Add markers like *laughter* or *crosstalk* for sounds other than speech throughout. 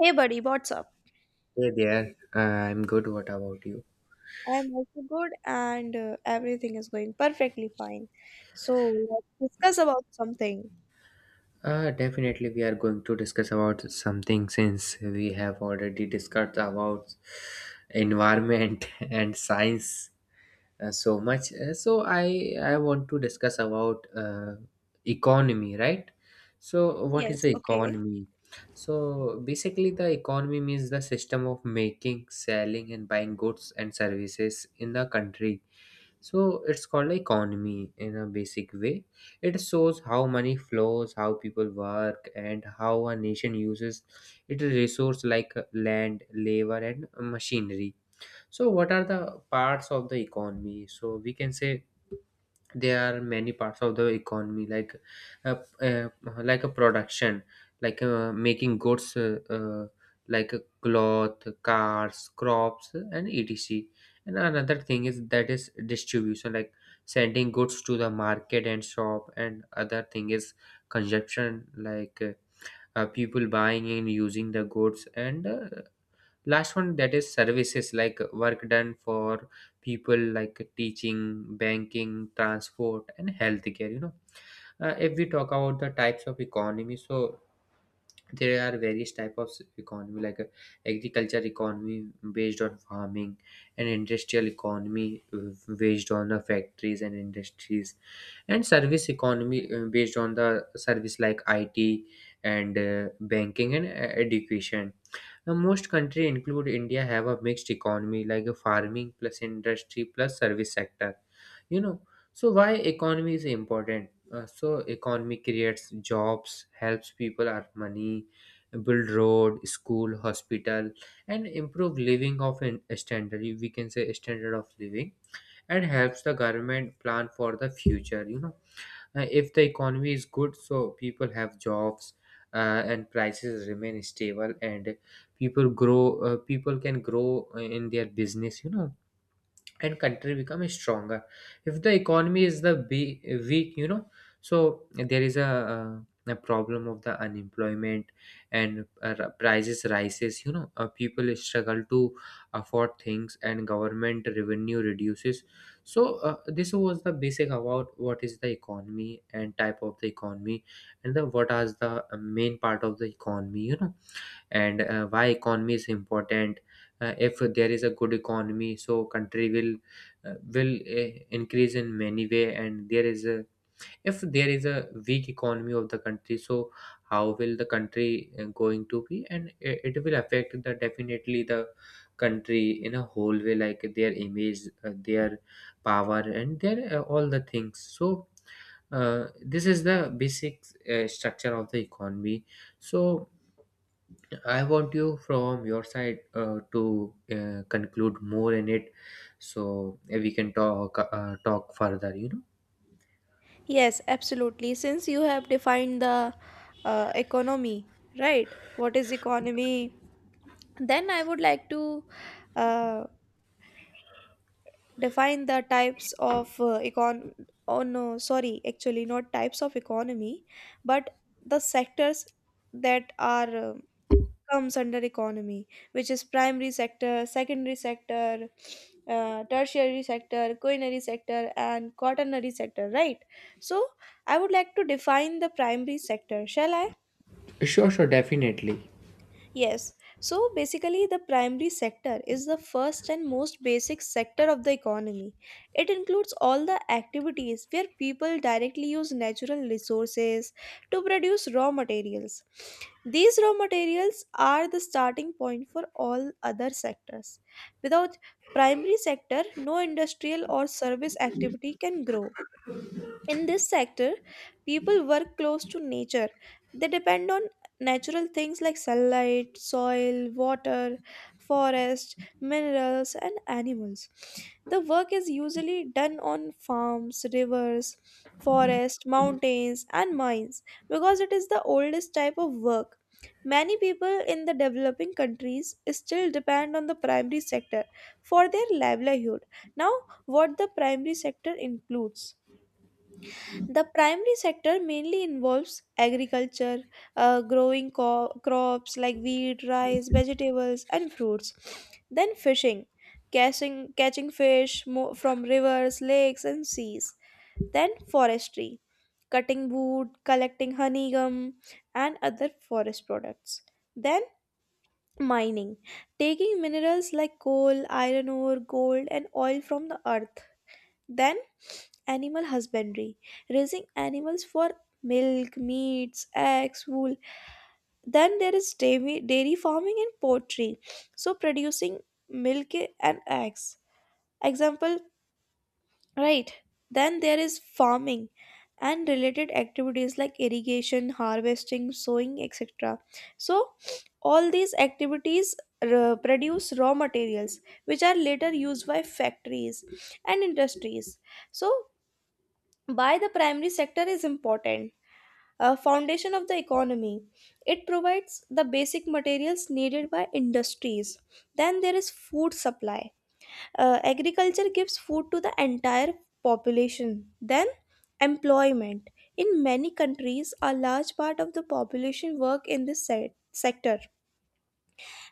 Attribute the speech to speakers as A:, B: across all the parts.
A: Hey, buddy, what's up?
B: Hey there, I'm good. What about you?
A: I'm also good, and everything is going perfectly fine. So, let's discuss about something.
B: Definitely, we are going to discuss about something since we have already discussed about environment *laughs* and science so much. So I want to discuss about economy, right? So what is
A: Yes,
B: the
A: okay.
B: economy? So basically, the economy means the system of making, selling, and buying goods and services in the country, so it's called like economy in a basic way. It shows how money flows, how people work, and how a nation uses its resource like land, labor, and machinery. So what are the parts of the economy? So we can say there are many parts of the economy uh, uh, like a production, like making goods, like a cloth, cars, crops, and etc. And another thing is that is distribution, like sending goods to the market and shop. And other thing is consumption, like people buying and using the goods. And last one, that is services, like work done for people like teaching, banking, transport, and healthcare, you know. If we talk about the types of economy, so there are various type of economy like agriculture economy based on farming, and industrial economy based on the factories and industries, and service economy based on the service like IT, and banking, and education. Now, most country include india have a mixed economy, like a farming plus industry plus service sector, you know. So why economy is important? So economy creates jobs, helps people earn money, build road, school, hospital, and improve living of an standard, we can say standard of living, and helps the government plan for the future, you know. If the economy is good, so people have jobs, and prices remain stable, and people grow people can grow in their business, you know, and country become stronger. If the economy is weak, you know, so there is a problem of the unemployment, and prices rises, you know. People struggle to afford things and government revenue reduces. So this was the basic about what is the economy and type of the economy, and the what are the main part of the economy, you know, and why economy is important. If there is a good economy, so country will increase in many way. And there is a, if there is a weak economy of the country, so how will the country going to be? And it will affect the definitely the country in a whole way, like their image, their power, and their all the things. So this is the basic structure of the economy. So I want you from your side to conclude more in it, so we can talk talk further. You know.
A: Yes, absolutely. Since you have defined the economy, right? What is economy? Then I would like to uh, define the types of econ. Oh no, sorry, actually not types of economy, but the sectors that are comes under economy, which is primary sector, secondary sector, tertiary sector, culinary sector, and quaternary sector, right? So I would like to define the primary sector, shall I?
B: Sure, sure, definitely.
A: Yes. So basically, the primary sector is the first and most basic sector of the economy. It includes all the activities where people directly use natural resources to produce raw materials. These raw materials are the starting point for all other sectors. Without primary sector, no industrial or service activity can grow. In this sector, people work close to nature. They depend on natural things like sunlight, soil, water, forest, minerals, and animals. The work is usually done on farms, rivers, forests, mountains, and mines because it is the oldest type of work. Many people in the developing countries still depend on the primary sector for their livelihood. Now, what the primary sector includes. The primary sector mainly involves agriculture, growing crops like wheat, rice, vegetables, and fruits. Then fishing, catching from rivers, lakes, and seas. Then forestry, cutting wood, collecting honeycomb, and other forest products. Then mining, taking minerals like coal, iron ore, gold, and oil from the earth. Then animal husbandry, raising animals for milk, meats, eggs, wool. Then there is dairy, dairy farming and poultry, so producing milk and eggs. Example, right? Then there is farming and related activities like irrigation, harvesting, sowing, etc. So, all these activities produce raw materials which are later used by factories and industries. So, by the primary sector is important, a foundation of the economy. It provides the basic materials needed by industries. Then there is food supply. Agriculture gives food to the entire population. Then employment. In many countries, a large part of the population work in this sector.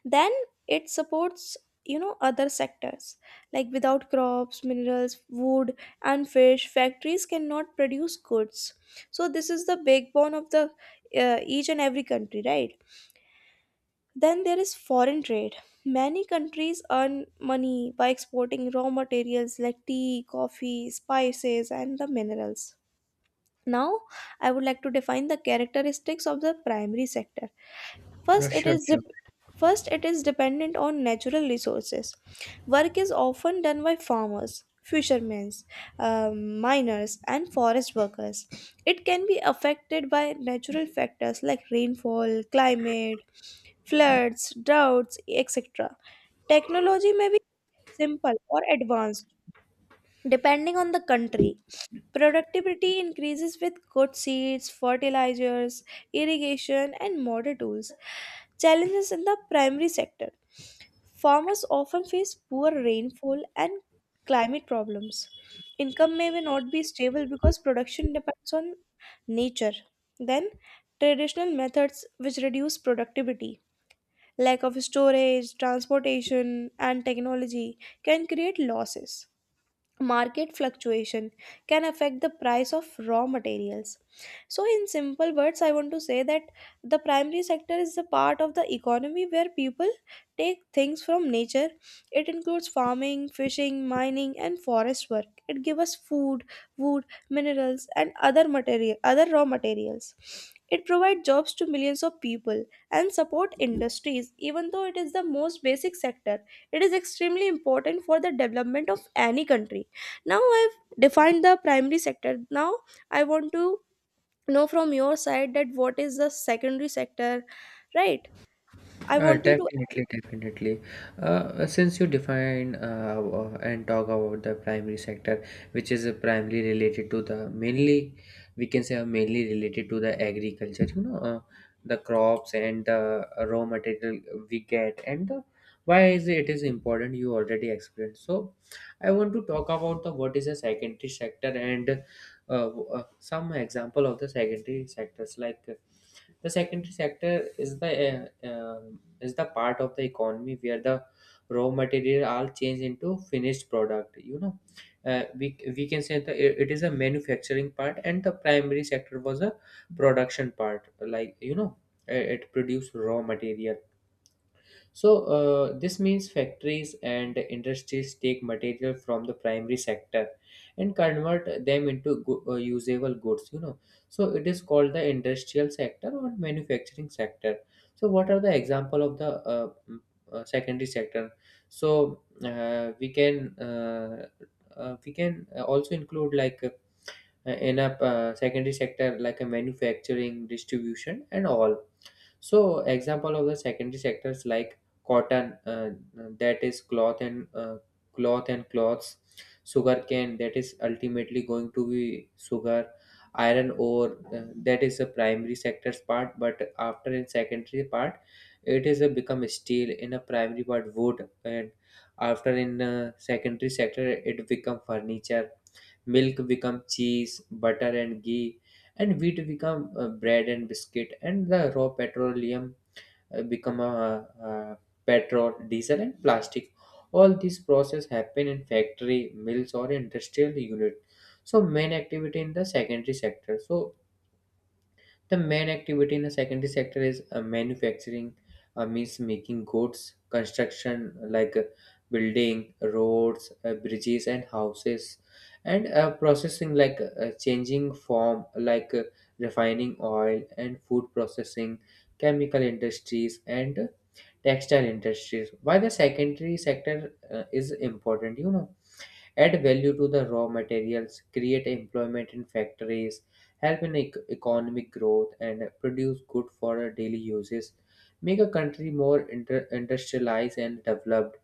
A: Then it supports, you know, other sectors, like without crops, minerals, wood, and fish, factories cannot produce goods. So this is the backbone of the each and every country, right? Then there is foreign trade. Many countries earn money by exporting raw materials like tea, coffee, spices, and the minerals. Now, I would like to define the characteristics of the primary sector. First, it
B: Sure,
A: is
B: sure.
A: dep- First, it is dependent on natural resources. Work is often done by farmers, fishermen, miners, and forest workers. It can be affected by natural factors like rainfall, climate, floods, droughts, etc. Technology may be simple or advanced depending on the country. Productivity increases with good seeds, fertilizers, irrigation, and modern tools. Challenges in the primary sector. Farmers often face poor rainfall and climate problems. Income may not be stable because production depends on nature. Then, traditional methods which reduce productivity, lack of storage, transportation, and technology can create losses. Market fluctuation can affect the price of raw materials. So in simple words, I want to say that the primary sector is the part of the economy where people take things from nature. It includes farming, fishing, mining, and forest work. It gives us food, wood, minerals, and other raw materials. It provides jobs to millions of people and support industries. Even though it is the most basic sector, it is extremely important for the development of any country. Now I've defined the primary sector. Now I want to know from your side that what is the secondary sector, right? I want you to—
B: Definitely, definitely. Since you define and talk about the primary sector, which is primarily related to the mainly, we can say mainly related to the agriculture, you know, the crops and the raw material we get, and the, why is it is important you already explained. So, I want to talk about the what is a secondary sector and some example of the secondary sectors like the secondary sector is the part of the economy where the raw material all change into finished product, you know. We can say that it is a manufacturing part, and the primary sector was a production part, like, you know, it produced raw material. So, this means factories and industries take material from the primary sector and convert them into usable goods, you know. So, it is called the industrial sector or manufacturing sector. So, what are the example of the secondary sector? So, we can also include like in a secondary sector, like a manufacturing, distribution, and all. So example of the secondary sectors like cotton, that is cloth, and cloths; sugarcane, that is ultimately going to be sugar; iron ore, that is the primary sectors part, but after in secondary part it is a become steel; in a primary part wood, and after in secondary sector it become furniture; milk become cheese, butter, and ghee; and wheat become bread and biscuit; and the raw petroleum become a, petrol, diesel, and plastic. All these process happen in factory, mills, or industrial unit. So main activity in the secondary sector, so the main activity in the secondary sector is manufacturing, means making goods; construction, like building roads, bridges, and houses; and processing, like changing form, like refining oil and food processing, chemical industries, and textile industries. Why the secondary sector is important, you know? Add value to the raw materials, create employment in factories, help in economic growth, and produce good for daily uses, make a country more industrialized and developed,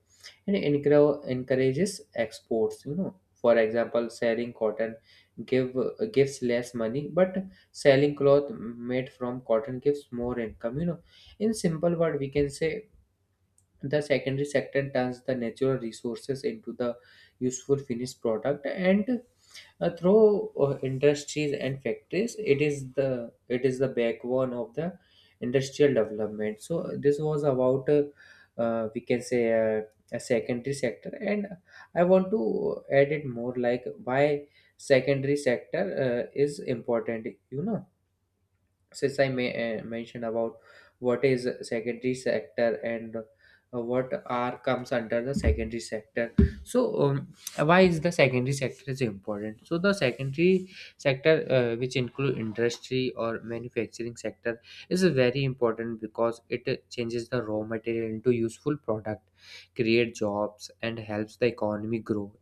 B: and encourages exports. You know, for example, selling cotton give gives less money, but selling cloth made from cotton gives more income. You know, in simple word, we can say the secondary sector turns the natural resources into the useful finished product, and through industries and factories, it is the backbone of the industrial development. So this was about we can say uh, a secondary sector, and I want to add it more like why secondary sector is important. You know, since I may, mentioned about what is secondary sector and what are comes under the secondary sector. So why is the secondary sector is important? So the secondary sector, which include industry or manufacturing sector, is very important because it changes the raw material into useful product, create jobs, and helps the economy grow.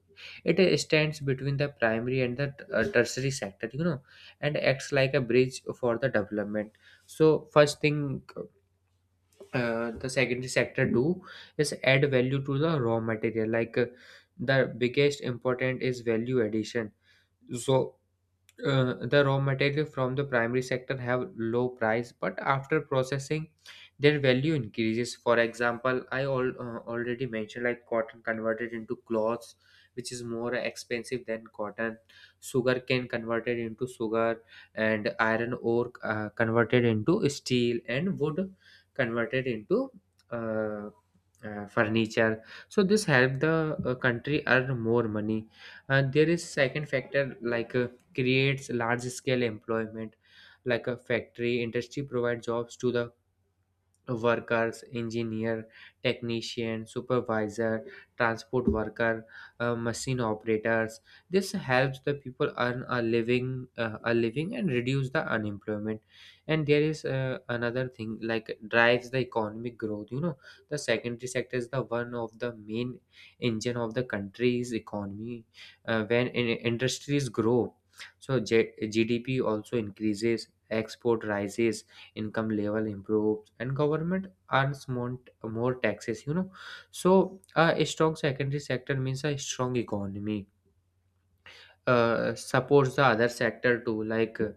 B: It stands between the primary and the tertiary sector, you know, and acts like a bridge for the development. So first thing the secondary sector do is add value to the raw material, like the biggest important is value addition. So the raw material from the primary sector have low price, but after processing their value increases. For example, I all, already mentioned like cotton converted into cloths, which is more expensive than cotton; sugar cane converted into sugar; and iron ore converted into steel; and wood converted into uh, furniture. So this helped the country earn more money. And there is second factor, like creates large scale employment, like a factory industry provide jobs to the workers, engineer, technician, supervisor, transport worker, machine operators. This helps the people earn a living, and reduce the unemployment. And there is another thing like drives the economic growth. You know, the secondary sector is the one of the main engine of the country's economy. When industries grow, so GDP also increases, export rises, income level improves, and government earns more taxes, you know. So a strong secondary sector means a strong economy. Supports the other sector too, like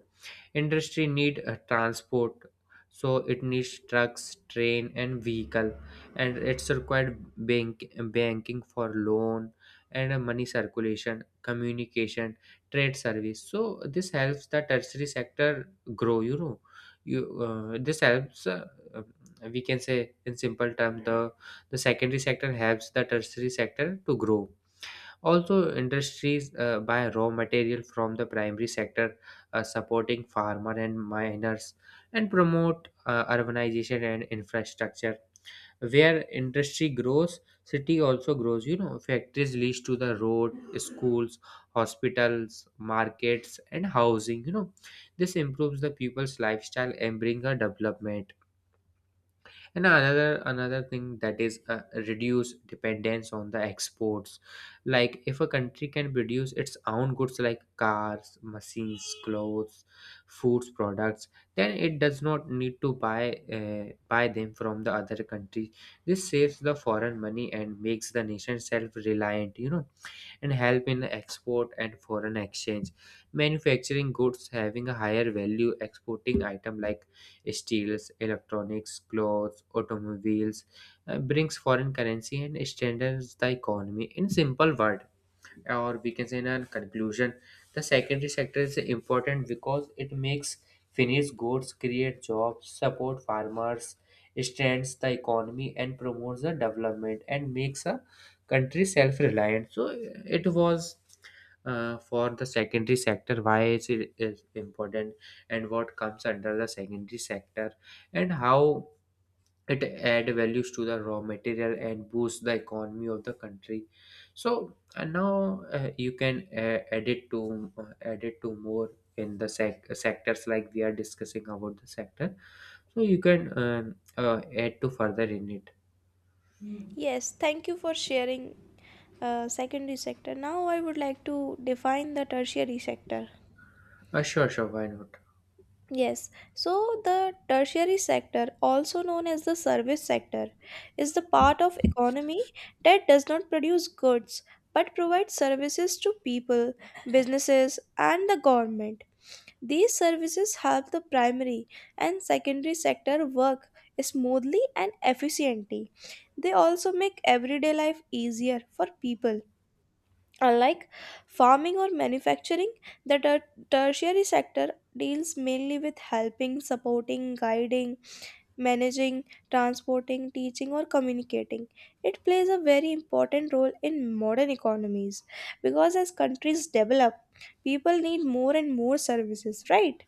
B: industry need transport, so it needs trucks, train, and vehicle. And it's required banking for loan, and money circulation, communication, trade service. So this helps the tertiary sector grow, you know. You this helps uh, we can say in simple terms the secondary sector helps the tertiary sector to grow. Also, industries buy raw material from the primary sector, supporting farmer and miners, and promote urbanization and infrastructure. Where industry grows, city also grows. You know, factories leads to the road, schools, hospitals, markets, and housing. You know, this improves the people's lifestyle and bring a development. And another thing that is reduce dependence on the exports, like if a country can produce its own goods like cars, machines, clothes, foods products, then it does not need to buy them from the other country. This saves the foreign money and makes the nation self reliant, you know, and help in export and foreign exchange. Manufacturing goods having a higher value exporting item like steels, electronics, clothes, automobiles brings foreign currency and strengthens the economy in simple word, or we can say in a conclusion, the secondary sector is important because it makes finished goods, create jobs, support farmers, strengthens the economy and promotes the development and makes a country self-reliant. So it was, for the secondary sector, why is it is important and what comes under the secondary sector and how it add values to the raw material and boost the economy of the country. So and now you can add it to more in the sectors, like we are discussing about the sector. So you can add to further in it.
A: Yes, thank you for sharing secondary sector. Now I would like to define the tertiary sector.
B: Sure, sure, why not?
A: Yes, so the tertiary sector, also known as the service sector, is the part of economy that does not produce goods but provides services to people, businesses, and the government. These services help the primary and secondary sector work smoothly and efficiently. They also make everyday life easier for people. Unlike farming or manufacturing, the tertiary sector deals mainly with helping, supporting, guiding, managing, transporting, teaching, or communicating. It plays a very important role in modern economies because as countries develop, people need more and more services, right?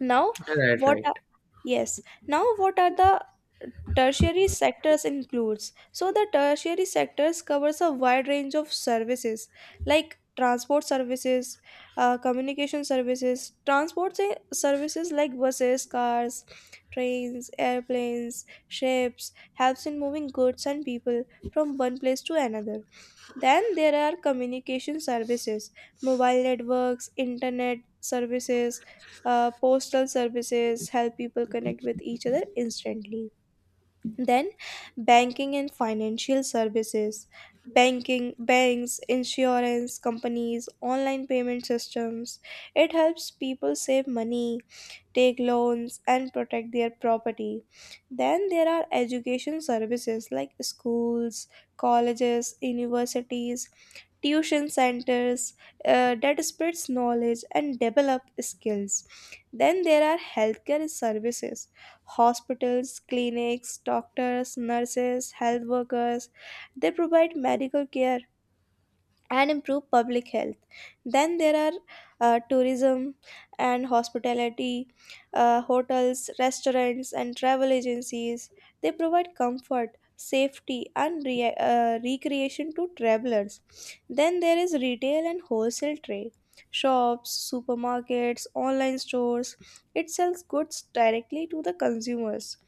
A: Now,
B: Right,
A: what are—
B: right.
A: yes, now what are the tertiary sectors includes? So the tertiary sectors covers a wide range of services like transport services, communication services, services like buses, cars, trains, airplanes, ships helps in moving goods and people from one place to another. Then there are communication services, mobile networks, internet services, postal services help people connect with each other instantly. Then banking and financial services, banks, insurance companies, online payment systems. It helps people save money, take loans, and protect their property. Then there are education services like schools, colleges, universities, tuition centers, that spreads knowledge and develop skills. Then there are healthcare services, hospitals, clinics, doctors, nurses, health workers. They provide medical care and improve public health. Then there are tourism and hospitality, hotels, restaurants, and travel agencies. They provide comfort, safety, and recreation to travelers. Then there is retail and wholesale trade. Shops, supermarkets, online stores, it sells goods directly to the consumers.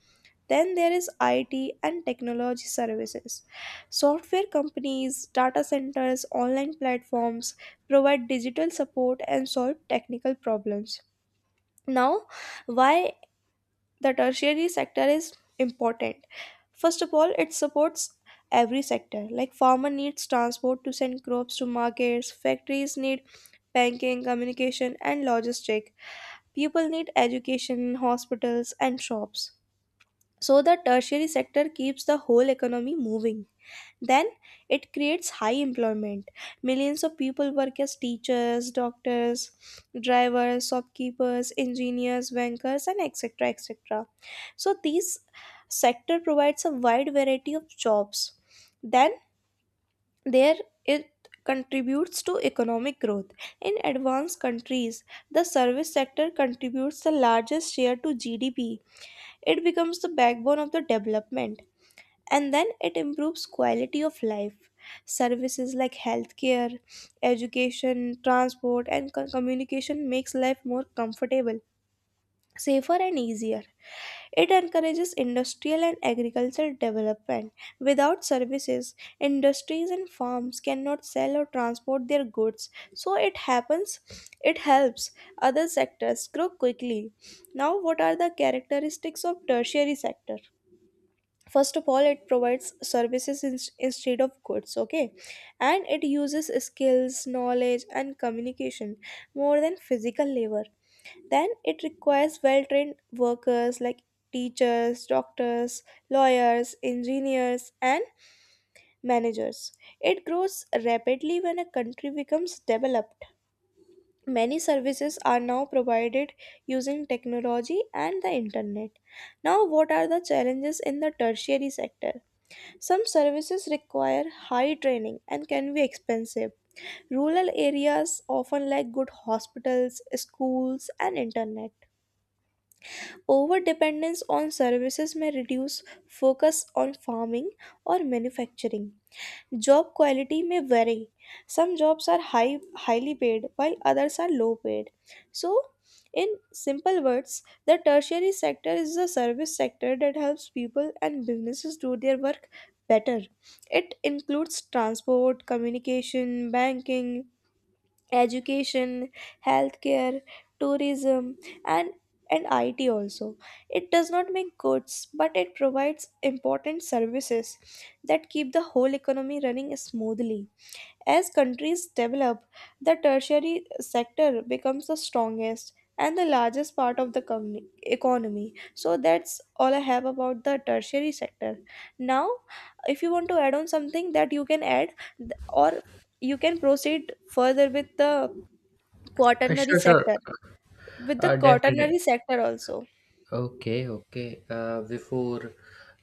A: Then there is IT and technology services. Software companies, data centers, online platforms provide digital support and solve technical problems. Now, why the tertiary sector is important? First of all, it supports every sector, like farmer needs transport to send crops to markets, factories need banking, communication, and logistic, people need education, hospitals, and shops. So the tertiary sector keeps the whole economy moving. Then it creates high employment. Millions of people work as teachers, doctors, drivers, shopkeepers, engineers, bankers, and etc. etc. So these sector provides a wide variety of jobs. Then there it contributes to economic growth. In advanced countries, the service sector contributes the largest share to GDP. It becomes the backbone of the development. And then it improves quality of life. Services like healthcare, education, transport, and communication makes life more comfortable, safer, and easier. It encourages industrial and agricultural development. Without services, industries and farms cannot sell or transport their goods. So it happens, it helps other sectors grow quickly. Now, what are the characteristics of tertiary sector? First of all, it provides services instead of goods, okay? And it uses skills, knowledge, and communication more than physical labor. Then it requires well trained workers like teachers, doctors, lawyers, engineers, and managers. It grows rapidly when a country becomes developed. Many services are now provided using technology and the internet. Now, what are the challenges in the tertiary sector? Some services require high training and can be expensive. Rural areas often lack good hospitals, schools, and internet. Over dependence on services may reduce focus on farming or manufacturing. Job quality may vary. Some jobs are highly paid, while others are low paid. So, in simple words, the tertiary sector is the service sector that helps people and businesses do their work better. It includes transport, communication, banking, education, healthcare, tourism, and IT also. It does not make goods, but it provides important services that keep the whole economy running smoothly. As countries develop, the tertiary sector becomes the strongest and the largest part of the economy. So that's all I have about the tertiary sector. Now, if you want to add on something that you can add or you can proceed further with the quaternary
B: Sure, sure.
A: sector, with the
B: Definitely.
A: quaternary sector also.
B: Okay, okay. Before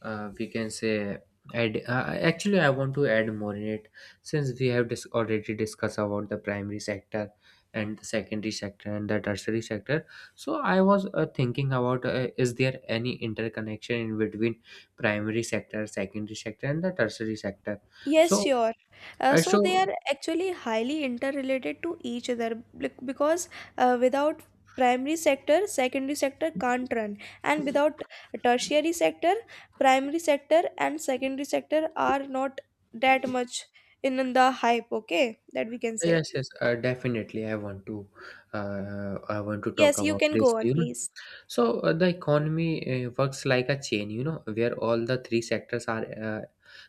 B: we can say, add, actually, I want to add more in it, since we have already discussed about the primary sector and the secondary sector and the tertiary sector. So I was thinking about, is there any interconnection in between primary sector, secondary sector, and the tertiary sector?
A: Yes,
B: So,
A: sure.
B: uh,
A: So they
B: so
A: are actually highly interrelated to each other because without primary sector, secondary sector can't run, and without tertiary sector, primary sector and secondary sector are not that much in the hype, okay? That we can say.
B: Yes, yes, definitely. I want to talk
A: Yes, you
B: about
A: can
B: this,
A: go on,
B: you know.
A: please.
B: So the economy works like a chain, you know, where all the three sectors are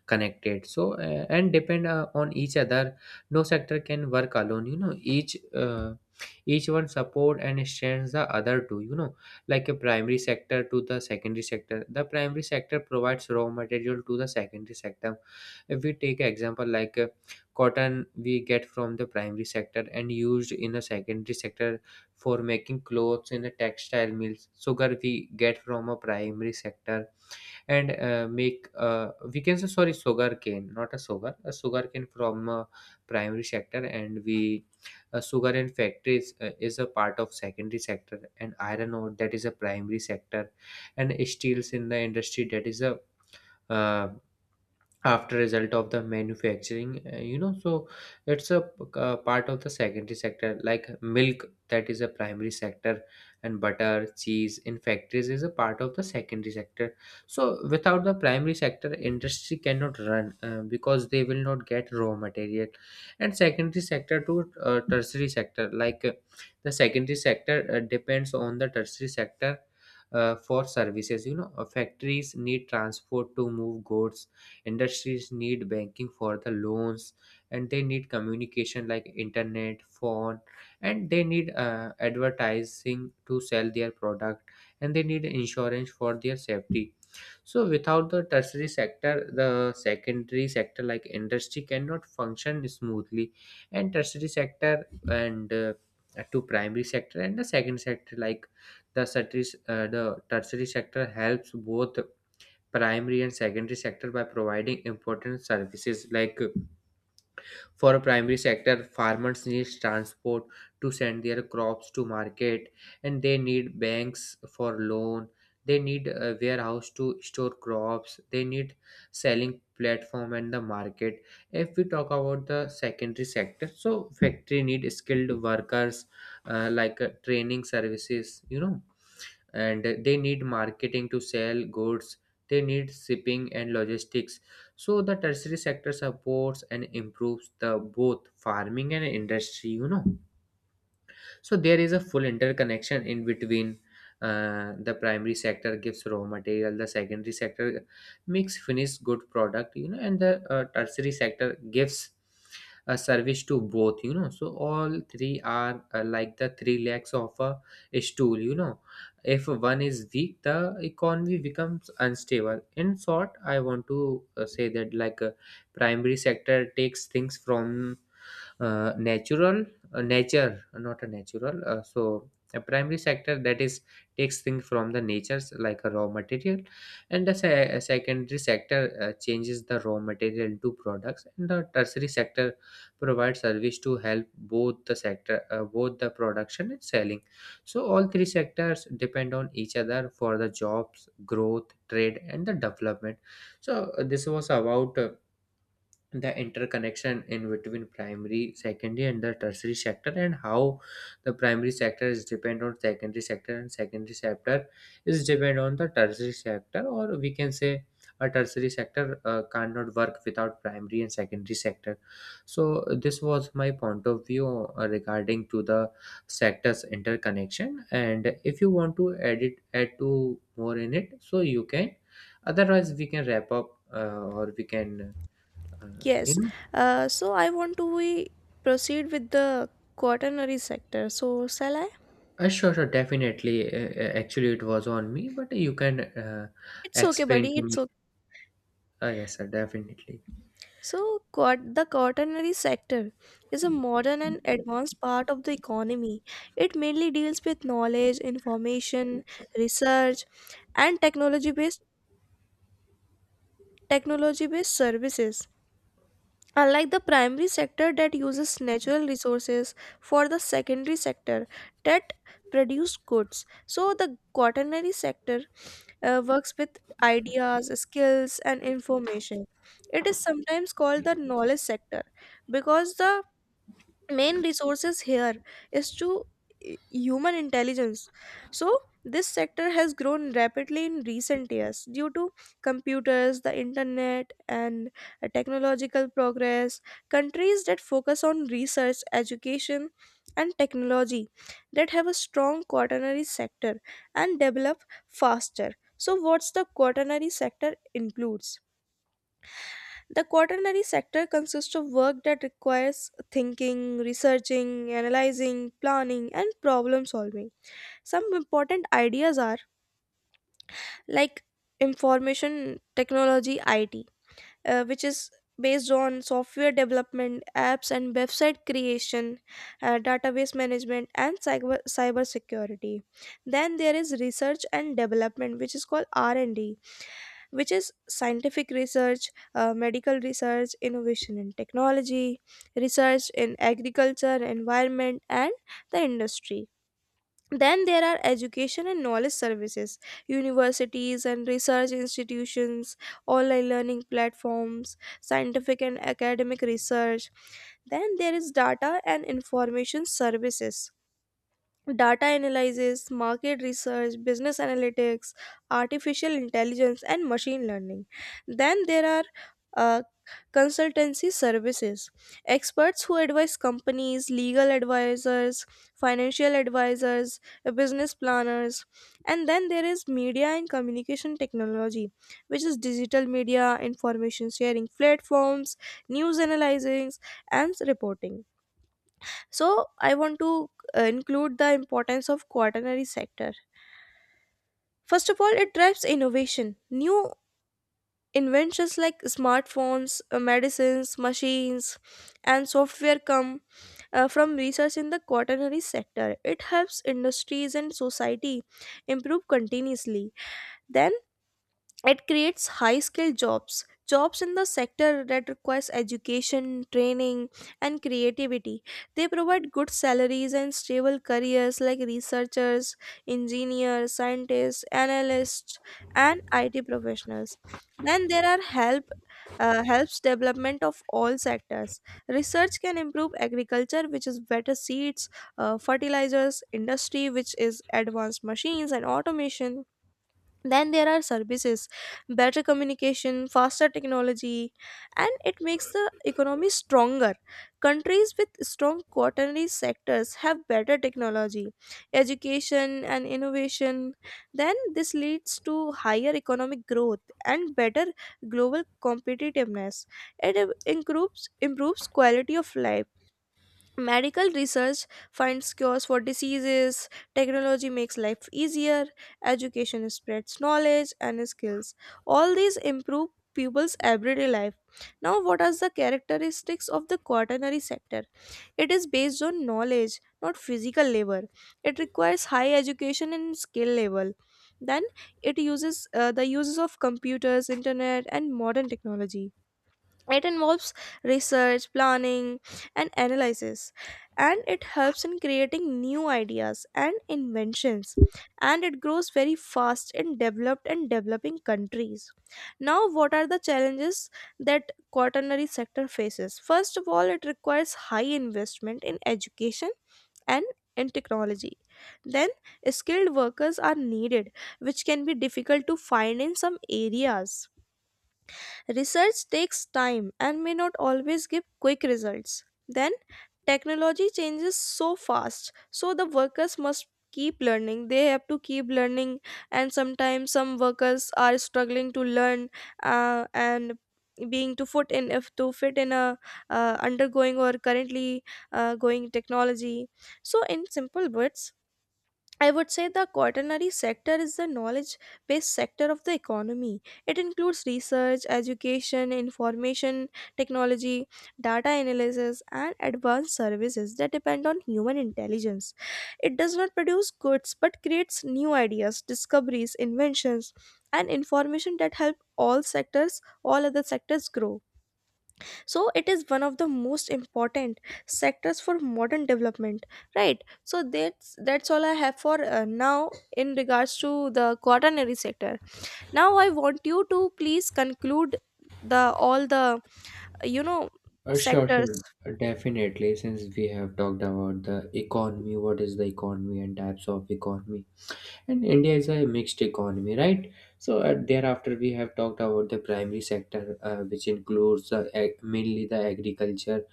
B: connected. So and depend on each other. No sector can work alone, you know. Each one support and strengthens the other two, you know, like a primary sector to the secondary sector. The primary sector provides raw material to the secondary sector. If we take example like cotton we get from the primary sector and used in the secondary sector for making clothes in the textile mills. Sugar we get from a primary sector and make, we can say, sorry, sugar cane, not a sugar, a sugar cane from primary sector, and we sugar and factories is a part of secondary sector, and iron ore that is a primary sector and steels in the industry that is a uh, after result of the manufacturing, you know. So it's a, part of the secondary sector. Like milk, that is a primary sector, and butter cheese in factories is a part of the secondary sector. So without the primary sector, industry cannot run, because they will not get raw material. And secondary sector to tertiary sector, like the secondary sector depends on the tertiary sector for services, you know. Factories need transport to move goods. Industries need banking for the loans, and they need communication like internet, phone, and they need advertising to sell their product, and they need insurance for their safety. So without the tertiary sector, the secondary sector like industry cannot function smoothly. And tertiary sector and, to primary sector and the second sector, like the tertiary sector helps both primary and secondary sector by providing important services, like for a primary sector, farmers need transport to send their crops to market, and they need banks for loan, they need a warehouse to store crops, they need selling platform and the market. If we talk about the secondary sector, so factory need skilled workers, training services, you know. And they need marketing to sell goods, they need shipping and logistics. So the tertiary sector supports and improves the both farming and industry, you know. So there is a full interconnection in between. The primary sector gives raw material, the secondary sector makes finished good product, you know, and the tertiary sector gives a service to both, you know. So all three are like the three legs of a stool, you know. If one is weak, the economy becomes unstable. In short, I want to say that, like, primary sector takes things from natural, nature, not a natural, so a primary sector, that is, takes things from the natures like a raw material. And the a secondary sector changes the raw material into products, and the tertiary sector provides service to help both the sector, both the production and selling. So all three sectors depend on each other for the jobs, growth, trade and the development. So this was about the interconnection in between primary, secondary and the tertiary sector, and how the primary sector is depend on secondary sector, and secondary sector is depend on the tertiary sector, or we can say a tertiary sector cannot work without primary and secondary sector. So this was my point of view regarding to the sectors interconnection. And if you want to edit, add to more in it, so you can, otherwise we can wrap up or we can, uh, you
A: Yes.
B: know,
A: So I want to we proceed with the quaternary sector. So shall I?
B: sure, sure, definitely. Actually, it was on me, but you can
A: It's okay,
B: explain
A: buddy.
B: to
A: It's
B: me.
A: okay.
B: Yes, sir, definitely.
A: So, the quaternary sector is a modern and advanced part of the economy. It mainly deals with knowledge, information, research, and technology-based services. Unlike the primary sector that uses natural resources for the secondary sector that produce goods. So the quaternary sector works with ideas, skills, and information. It is sometimes called the knowledge sector because the main resources here is to i- human intelligence. So this sector has grown rapidly in recent years due to computers, the internet, and technological progress. Countries that focus on research, education, and technology that have a strong quaternary sector and develop faster. So what's the quaternary sector includes. The quaternary sector consists of work that requires thinking, researching, analyzing, planning, and problem solving. Some important ideas are like information technology, IT, which is based on software development, apps and website creation, database management, and cybersecurity. Then there is research and development, which is called R&D, which is scientific research, medical research, innovation in technology, research in agriculture, environment, and the industry. Then there are education and knowledge services, universities and research institutions, online learning platforms, scientific and academic research. Then there is data and information services, data analysis, market research, business analytics, artificial intelligence, and machine learning. Then there are uh, consultancy services, experts who advise companies, legal advisors, financial advisors, business planners. And then there is media and communication technology, which is digital media, information sharing platforms, news analysis, and reporting. So I want to include the importance of quaternary sector. First of all, it drives innovation. New inventions like smartphones, medicines, machines, and software come from research in the quaternary sector. It helps industries and society improve continuously. Then it creates high skilled jobs, jobs in the sector that requires education, training, and creativity. They provide good salaries and stable careers like researchers, engineers, scientists, analysts, and IT professionals. Then there are helps development of all sectors. Research can improve agriculture, which is better seeds, fertilizers, industry, which is advanced machines and automation. Then there are services, better communication, faster technology, and it makes the economy stronger. Countries with strong quaternary sectors have better technology, education, and innovation. Then this leads to higher economic growth and better global competitiveness. It improves quality of life. Medical research finds cures for diseases, technology makes life easier, education spreads knowledge and skills. All these improve people's everyday life. Now, what are the characteristics of the quaternary sector? It is based on knowledge, not physical labor. It requires high education and skill level. Then it uses of computers, internet, and modern technology. It involves research, planning, and analysis, and it helps in creating new ideas and inventions. And it grows very fast in developed and developing countries. Now, what are the challenges that quaternary sector faces? First of all, it requires high investment in education and in technology. Then, skilled workers are needed, which can be difficult to find in some areas. Research takes time and may not always give quick results. Then, technology changes so fast, so the workers must keep learning. They have to keep learning, and sometimes some workers are struggling to learn and being to foot in if to fit in a undergoing or currently going technology. So in simple words, I would say the quaternary sector is the knowledge based sector of the economy. It includes research, education, information technology, data analysis, and advanced services that depend on human intelligence. It does not produce goods but creates new ideas, discoveries, inventions, and information that help all sectors, all other sectors grow. So it is one of the most important sectors for modern development. Right, so that's all I have for now in regards to the quaternary sector. Now I want you to please conclude the all the you know
B: Sure,
A: sectors
B: sure, definitely. Since we have talked about the economy, what is the economy and types of economy, and India is a mixed economy, right? So thereafter, we have talked about the primary sector, which includes mainly the agriculture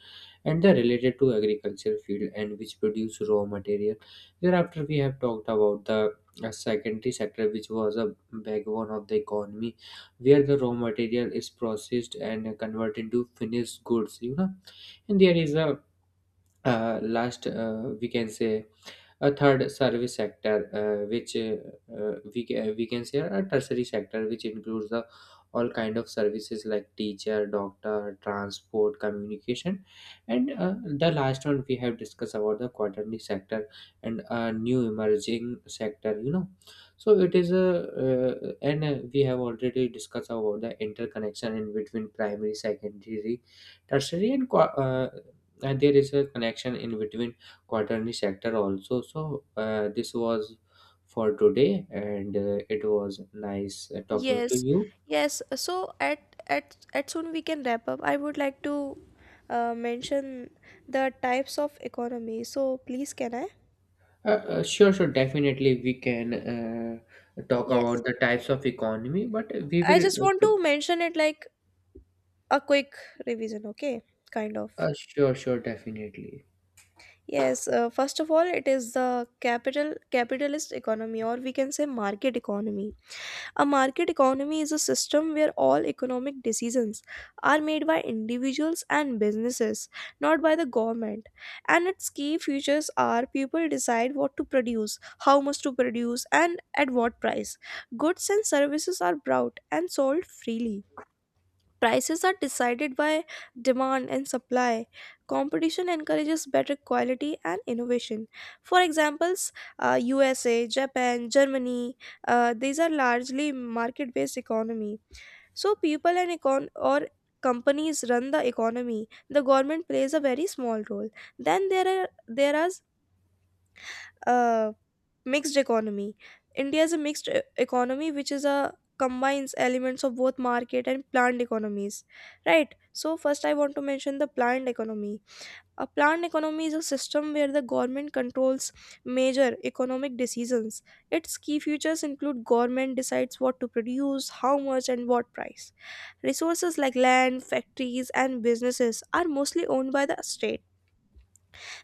B: and they're related to agriculture field and which produce raw material. Thereafter we have talked about the secondary sector, which was a backbone of the economy, where the raw material is processed and converted into finished goods, you know. And there is a last, we can say, a third service sector, we can say a tertiary sector, which includes the all kind of services like teacher, doctor, transport, communication. And the last one, we have discussed about the quaternary sector and a new emerging sector, you know. So it is a, and we have already discussed about the interconnection in between primary, secondary, tertiary and and there is a connection in between quaternary sector also. So this was for today, and it was nice talking to
A: yes,
B: you.
A: yes, so at soon we can wrap up. I would like to mention the types of economy, so please can I.
B: Sure, sure, definitely we can talk
A: Yes,
B: about the types of economy, but we
A: I just
B: will.
A: want to mention it like a quick revision, okay, kind of.
B: Sure, sure, definitely.
A: Yes, first of all, it is the capitalist economy, or we can say market economy. A market economy is a system where all economic decisions are made by individuals and businesses, not by the government. And its key features are people decide what to produce, how much to produce, and at what price. Goods and services are brought and sold freely. Prices are decided by demand and supply. Competition encourages better quality and innovation. For examples, USA, Japan, Germany, these are largely market-based economy. So people and econ or companies run the economy. The government plays a very small role. Then there are there are uh, mixed economy. India is a mixed economy, which is a combines elements of both market and planned economies, right? So first, I want to mention the planned economy. A planned economy is a system where the government controls major economic decisions. Its key features include government decides what to produce, how much, and what price. Resources like land, factories, and businesses are mostly owned by the state.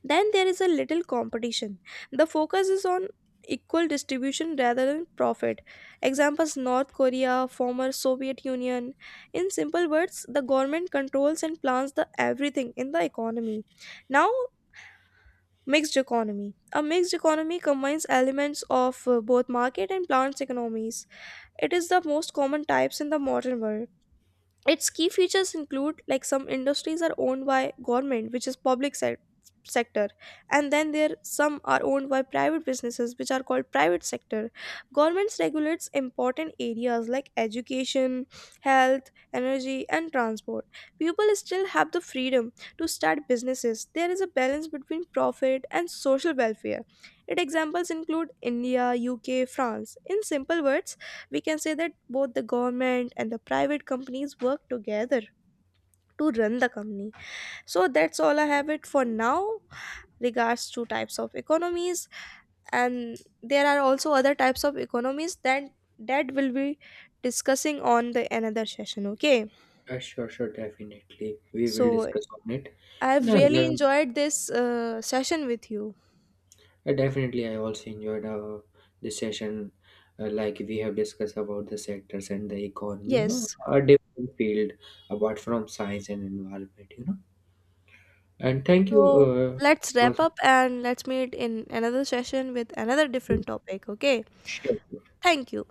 A: Then there is a little competition. The focus is on equal distribution rather than profit. Examples, North Korea, former Soviet Union. In simple words, the government controls and plans the everything in the economy. Now, mixed economy. A mixed economy combines elements of both market and plants economies. It is the most common types in the modern world. Its key features include like some industries are owned by government, which is public sector, and then there some are owned by private businesses, which are called private sector. Governments regulates important areas like education, health, energy, and transport. People still have the freedom to start businesses. There is a balance between profit and social welfare. Its examples include India, UK, France. In simple words, we can say that both the government and the private companies work together to run the company. So that's all I have it for now, regards to types of economies. And there are also other types of economies that that will be discussing on the another session, okay.
B: Sure, sure, definitely. We will
A: So
B: discuss on it
A: I
B: in
A: have really
B: another.
A: enjoyed this session with you.
B: Definitely, I also enjoyed this session. Like we have discussed about the sectors and the economy, you know,
A: Yes,
B: a different field apart from science and environment, you know. And thank you.
A: so let's
B: It
A: wrap
B: was,
A: up and let's meet in another session with another different topic, okay.
B: sure.
A: Thank you.